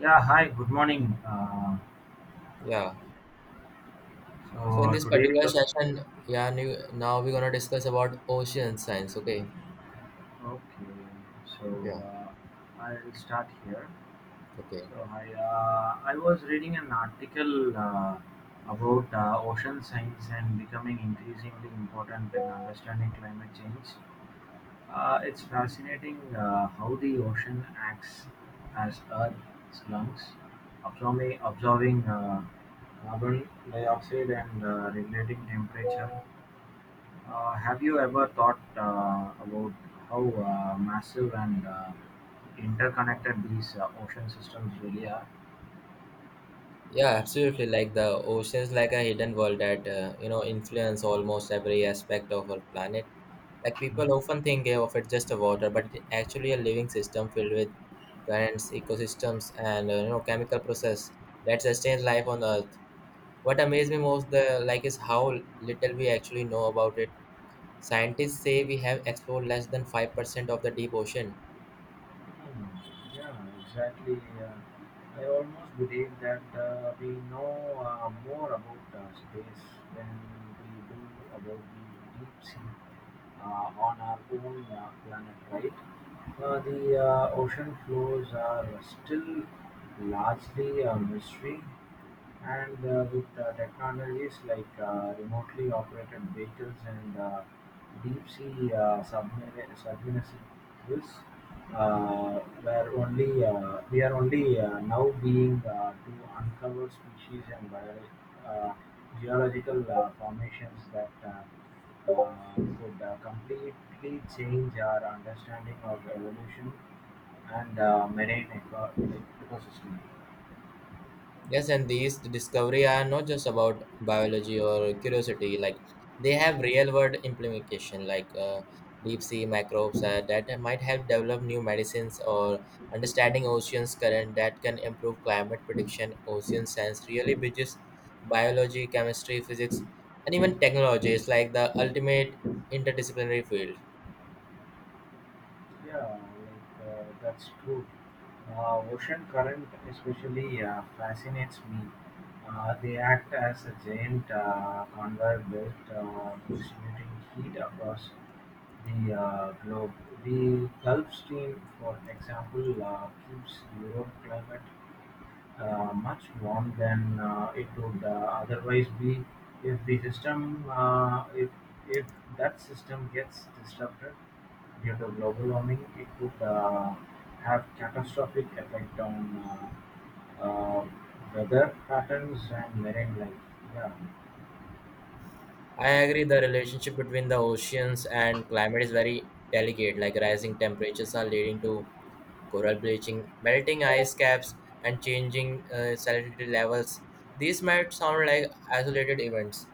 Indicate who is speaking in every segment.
Speaker 1: Yeah, hi, good morning.
Speaker 2: Yeah. So in this
Speaker 1: Today,
Speaker 2: particular session, yeah, now we're gonna discuss about ocean science. Okay.
Speaker 1: okay, so
Speaker 2: Yeah.
Speaker 1: I'll start here.
Speaker 2: Okay.
Speaker 1: I was reading an article about ocean science and becoming increasingly important in understanding climate change. It's fascinating how the ocean acts as Earth's lungs, absorbing carbon dioxide and regulating temperature. Have you ever thought about how massive and interconnected these ocean systems really are?
Speaker 2: Yeah, absolutely. Like the oceans, like a hidden world that you know influence almost every aspect of our planet. Like
Speaker 1: Hmm,
Speaker 2: people often think of it just a water, but it actually a living system filled with currents, ecosystems, and you know chemical process that sustains life on Earth. What amazes me most, the like, is how little we actually know about it. Scientists say we have explored less than 5% of the deep ocean.
Speaker 1: Yeah, exactly. I almost believe that we know more about space than we do about the deep sea on our own planet, right? The ocean floors are still largely a mystery, and with technologies like remotely operated vehicles and deep sea submersibles, uh, where only we are only now being to uncover species and geological formations that could completely change our understanding of evolution and marine ecosystem.
Speaker 2: Yes, and these discovery are not just about biology or curiosity. Like they have real world implication, like deep sea microbes that might help develop new medicines or understanding oceans current that can improve climate prediction. Ocean science really bridges biology, chemistry, physics, and even technology. It's like the ultimate interdisciplinary field.
Speaker 1: Yeah, that's true. Ocean current especially fascinates me. They act as a giant conveyor belt distributing heat across the globe. The Gulf Stream, for example, keeps Europe climate much warm than it would otherwise be. If the system uh, if if that system gets disrupted due to global warming, it could have catastrophic effect on uh, uh, weather patterns and marine life. Yeah,
Speaker 2: I agree the relationship between the oceans and climate is very delicate, like rising temperatures are leading to coral bleaching, melting ice caps, and changing salinity levels. These might sound like isolated events,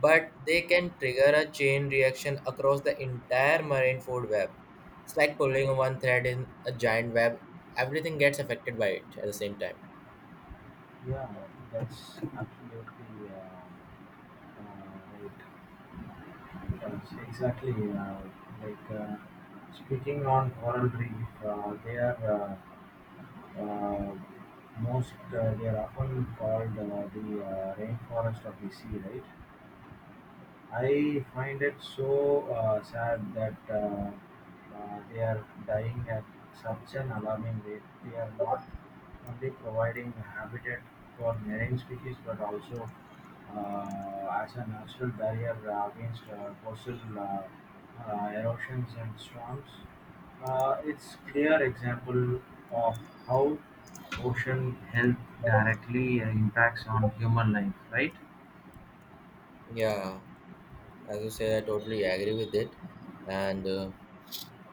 Speaker 2: but they can trigger a chain reaction across the entire marine food web. It's like pulling one thread in a giant web, everything gets affected by it at the same time.
Speaker 1: yeah, that's absolutely right. Yes, exactly. uh, like uh, Speaking on coral reef, uh, they are often called the rainforest of the sea, right? I find it so sad that they are dying at such an alarming rate. They are not only providing habitat for marine species but also as a natural barrier against coastal erosions and storms. It's clear example of how ocean health directly impacts on human life, right?
Speaker 2: Yeah, as you say, I totally agree with it. And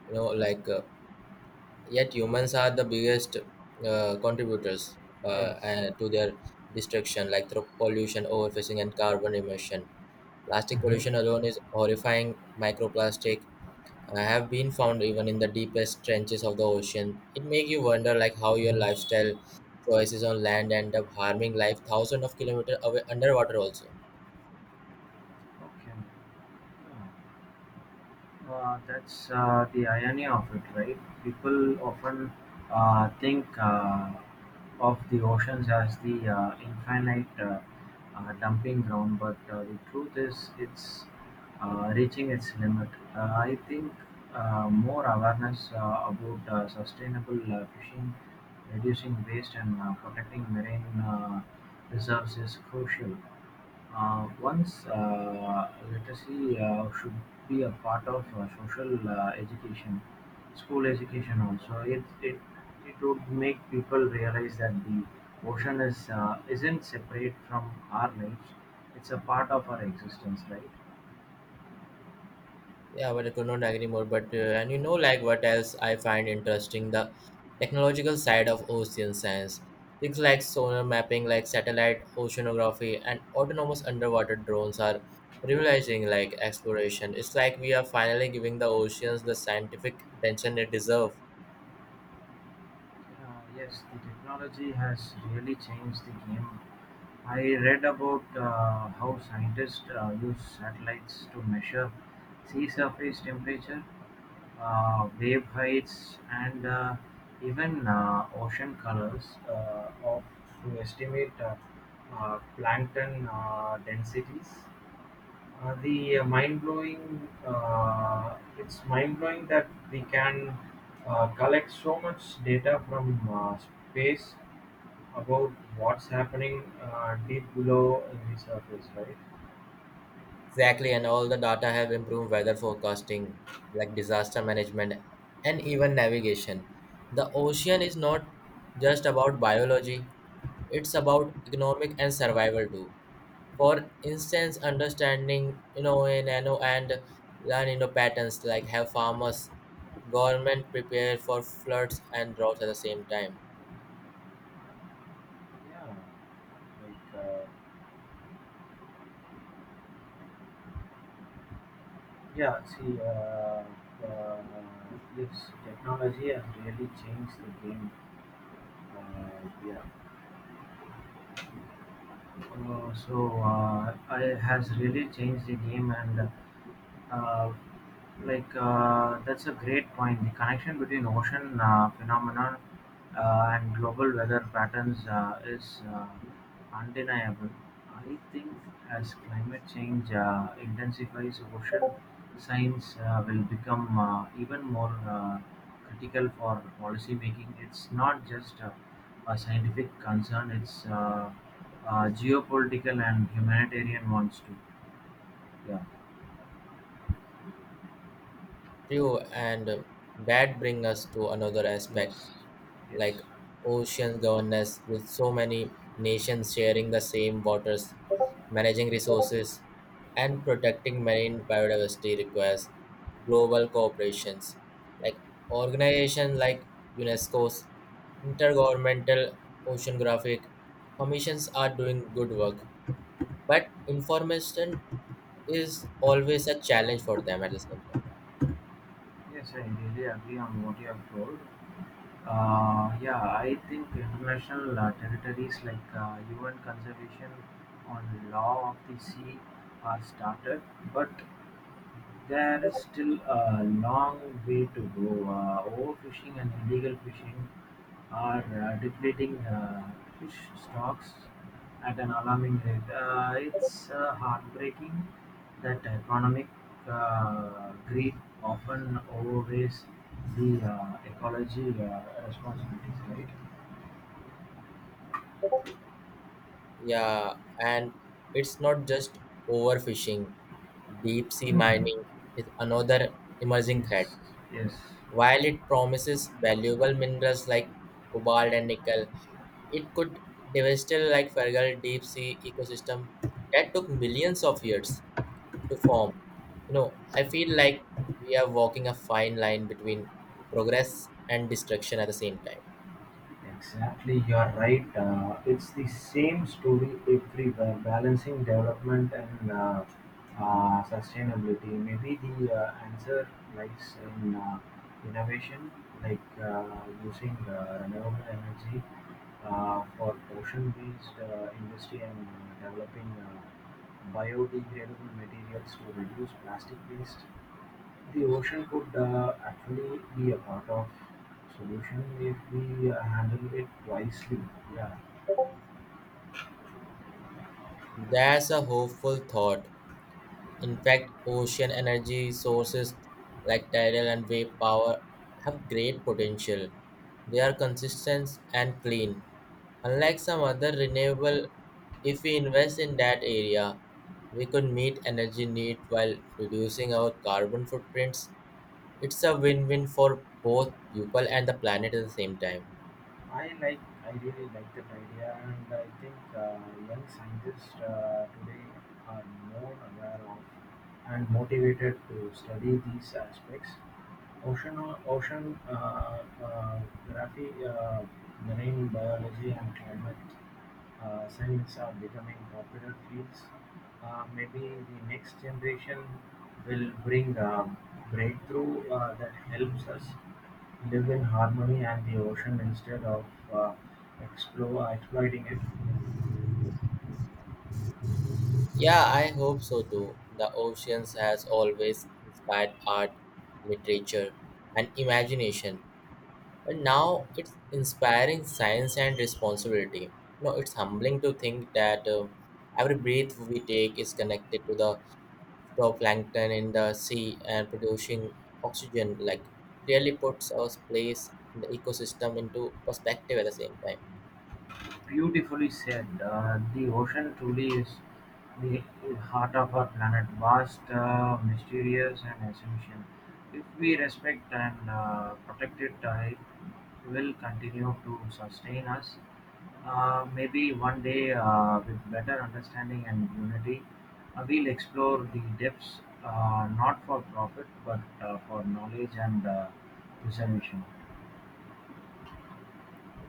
Speaker 2: you know, yet humans are the biggest contributors
Speaker 1: Yes.
Speaker 2: and to their destruction like through pollution overfishing and carbon emission plastic
Speaker 1: Mhm.
Speaker 2: pollution alone is horrifying microplastic have been found even in the deepest trenches of the ocean. It make you wonder like how your lifestyle choices on land end up harming life thousands of kilometers away underwater also.
Speaker 1: Okay. That's the irony of it, right? People often think of the oceans as the infinite dumping ground, but the truth is it's reaching its limit. Uh, I think more awareness about sustainable fishing, reducing waste, and protecting marine reserves is crucial. Once literacy should be a part of social education, school education also. It would make people realize that the ocean isn't separate from our lives, it's a part of our existence, right?
Speaker 2: Yeah, but I could not agree more. But and you know, like what else I find interesting the technological side of ocean science. Things like sonar mapping, like satellite oceanography, and autonomous underwater drones are revolutionizing like exploration. It's like we are finally giving the oceans the scientific attention they deserve.
Speaker 1: Yes, the technology has really changed the game. I read about how scientists use satellites to measure sea surface temperature, wave heights, and even ocean colors to estimate plankton densities. It's mind blowing that we can collect so much data from space about what's happening deep below in the surface, right?
Speaker 2: Exactly, and all the data have improved weather forecasting, like disaster management, and even navigation. The ocean is not just about biology, it's about economic and survival too. For instance, understanding you know a nano and learn you know patterns like have farmers, government prepare for floods and droughts at the same time.
Speaker 1: Yeah, like uh, yeah, uh, yes, technology has really changed the game. Uh, yeah. Uh, so I has really changed the game, and uh, that's a great point. The connection between ocean phenomenon and global weather patterns is undeniable. I think as climate change intensifies, ocean science will become even more critical for policy making. It's not just a scientific concern; it's geopolitical and humanitarian ones too. Yeah.
Speaker 2: True, and that brings us to another aspect
Speaker 1: Yes.
Speaker 2: like
Speaker 1: Yes.
Speaker 2: ocean governance with so many nations sharing the same waters managing resources and protecting marine biodiversity requires global cooperations like organizations like unesco's intergovernmental oceanographic commissions are doing good work but information is always a challenge for them at the same time.
Speaker 1: Yes, I really agree on what you have told. Yeah, I think international territories like UN Conservation on Law of the Sea are started, but there is still a long way to go. Overfishing and illegal fishing are depleting fish stocks at an alarming rate. It's heartbreaking that economic greed often outweighs the ecology responsibilities, right?
Speaker 2: Yeah, and it's not just overfishing. Deep sea
Speaker 1: Hmm.
Speaker 2: mining is another emerging threat.
Speaker 1: Yes, yes.
Speaker 2: While it promises valuable minerals like cobalt and nickel, it could devastate like fragile deep sea ecosystem that took millions of years to form. You know, I feel like we are walking a fine line between progress and destruction at the same time.
Speaker 1: Exactly, you are right. It's the same story everywhere, balancing development and sustainability. Maybe the answer lies in innovation, like using renewable energy for ocean-based industry and developing biodegradable materials to reduce plastic waste. The ocean could actually be a part of solution if we handle it wisely. Yeah,
Speaker 2: That's a hopeful thought. In fact, ocean energy sources like tidal and wave power have great potential. They are consistent and clean. Unlike some other renewable, if we invest in that area, we could meet energy need while reducing our carbon footprints. It's a win-win for both people and the planet at the same time.
Speaker 1: I like, I really like that idea, and I think young scientists today are more aware of and motivated to study these aspects. Ocean, ocean uh, graphy, marine biology, and climate science are becoming popular fields. Maybe the next generation will bring a breakthrough that helps us live in harmony and the ocean instead of uh, exploiting it.
Speaker 2: Yeah, I hope so too. The oceans has always inspired art, literature, and imagination. But now it's inspiring science and responsibility. You know, it's humbling to think that every breath we take is connected to the phytoplankton in the sea and producing oxygen. Like, it really puts our place in the ecosystem into perspective at the same time.
Speaker 1: Beautifully said. The ocean truly is the heart of our planet, vast, mysterious, and essential. If we respect and protect it, it will continue to sustain us. Maybe one day, with better understanding and unity, we'll explore the depths not for profit but for knowledge and preservation.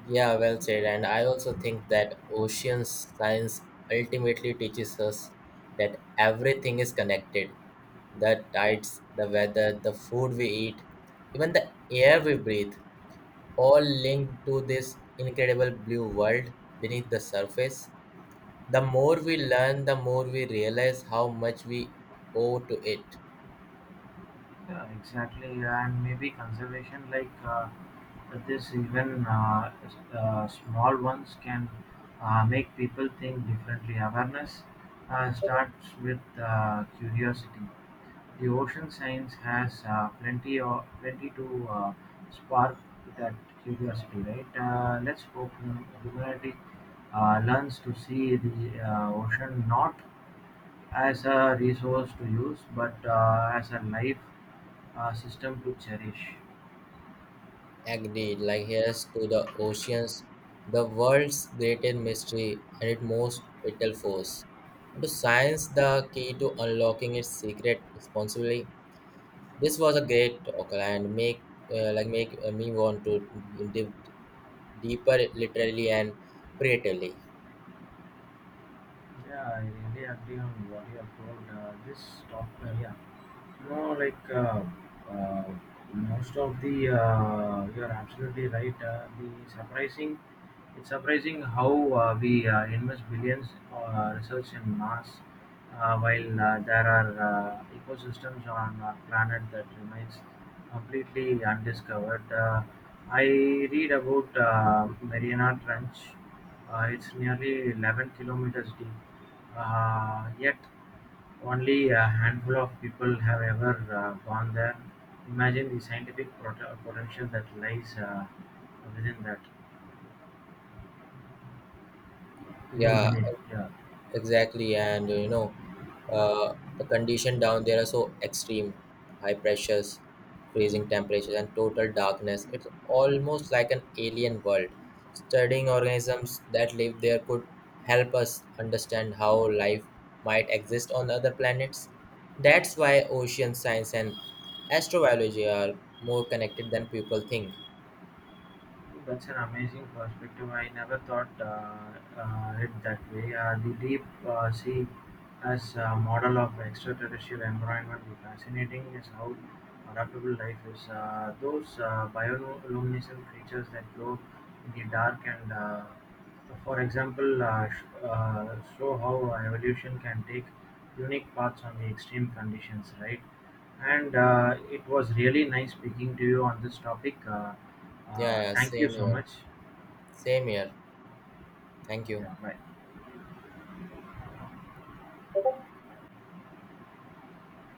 Speaker 2: Yeah, well said. And I also think that ocean science ultimately teaches us that everything is connected. The tides, the weather, the food we eat, even the air we breathe, all linked to this incredible blue world beneath the surface. The more we learn, the more we realize how much we owe to it.
Speaker 1: Yeah, exactly. And maybe conservation, this, even small ones can make people think differently. Awareness starts with curiosity. The ocean science has plenty to spark that curiosity, right? Let's hope humanity learns to see the ocean not as a resource to use, but as a life system to cherish.
Speaker 2: Agreed. Like here's to the oceans, the world's greatest mystery and its most vital force. And to science, the key to unlocking its secret responsibly. This was a great talk and make like make me want to dive deeper, literally and creatively.
Speaker 1: Yeah, I really agree on what you have told. This talk, yeah, you know, like uh, most of the, You are absolutely right. The surprising It's surprising how we invest billions research in Mars, while there are ecosystems on our planet that remains completely undiscovered. I read about Mariana Trench. It's nearly 11 kilometers deep, yet only a handful of people have ever gone there. Imagine the scientific potential that lies within that, within
Speaker 2: Yeah.
Speaker 1: beneath. Yeah.
Speaker 2: Exactly, and you know, the condition down there are so extreme, high pressures, freezing temperatures, and total darkness. It's almost like an alien world. Studying organisms that live there could help us understand how life might exist on other planets. That's why ocean science and astrobiology are more connected than people think.
Speaker 1: That's an amazing perspective. I never thought it that way. The deep sea as a model of extraterrestrial environment is fascinating. Is how adaptable life is. Those bioluminescent creatures that glow in the dark and, for example, show how evolution can take unique paths on the extreme conditions, right? And it was really nice speaking to you on this topic.
Speaker 2: Yeah, yeah,
Speaker 1: Thank you
Speaker 2: same
Speaker 1: so
Speaker 2: here.
Speaker 1: much.
Speaker 2: Same here. Thank you.
Speaker 1: Yeah, bye.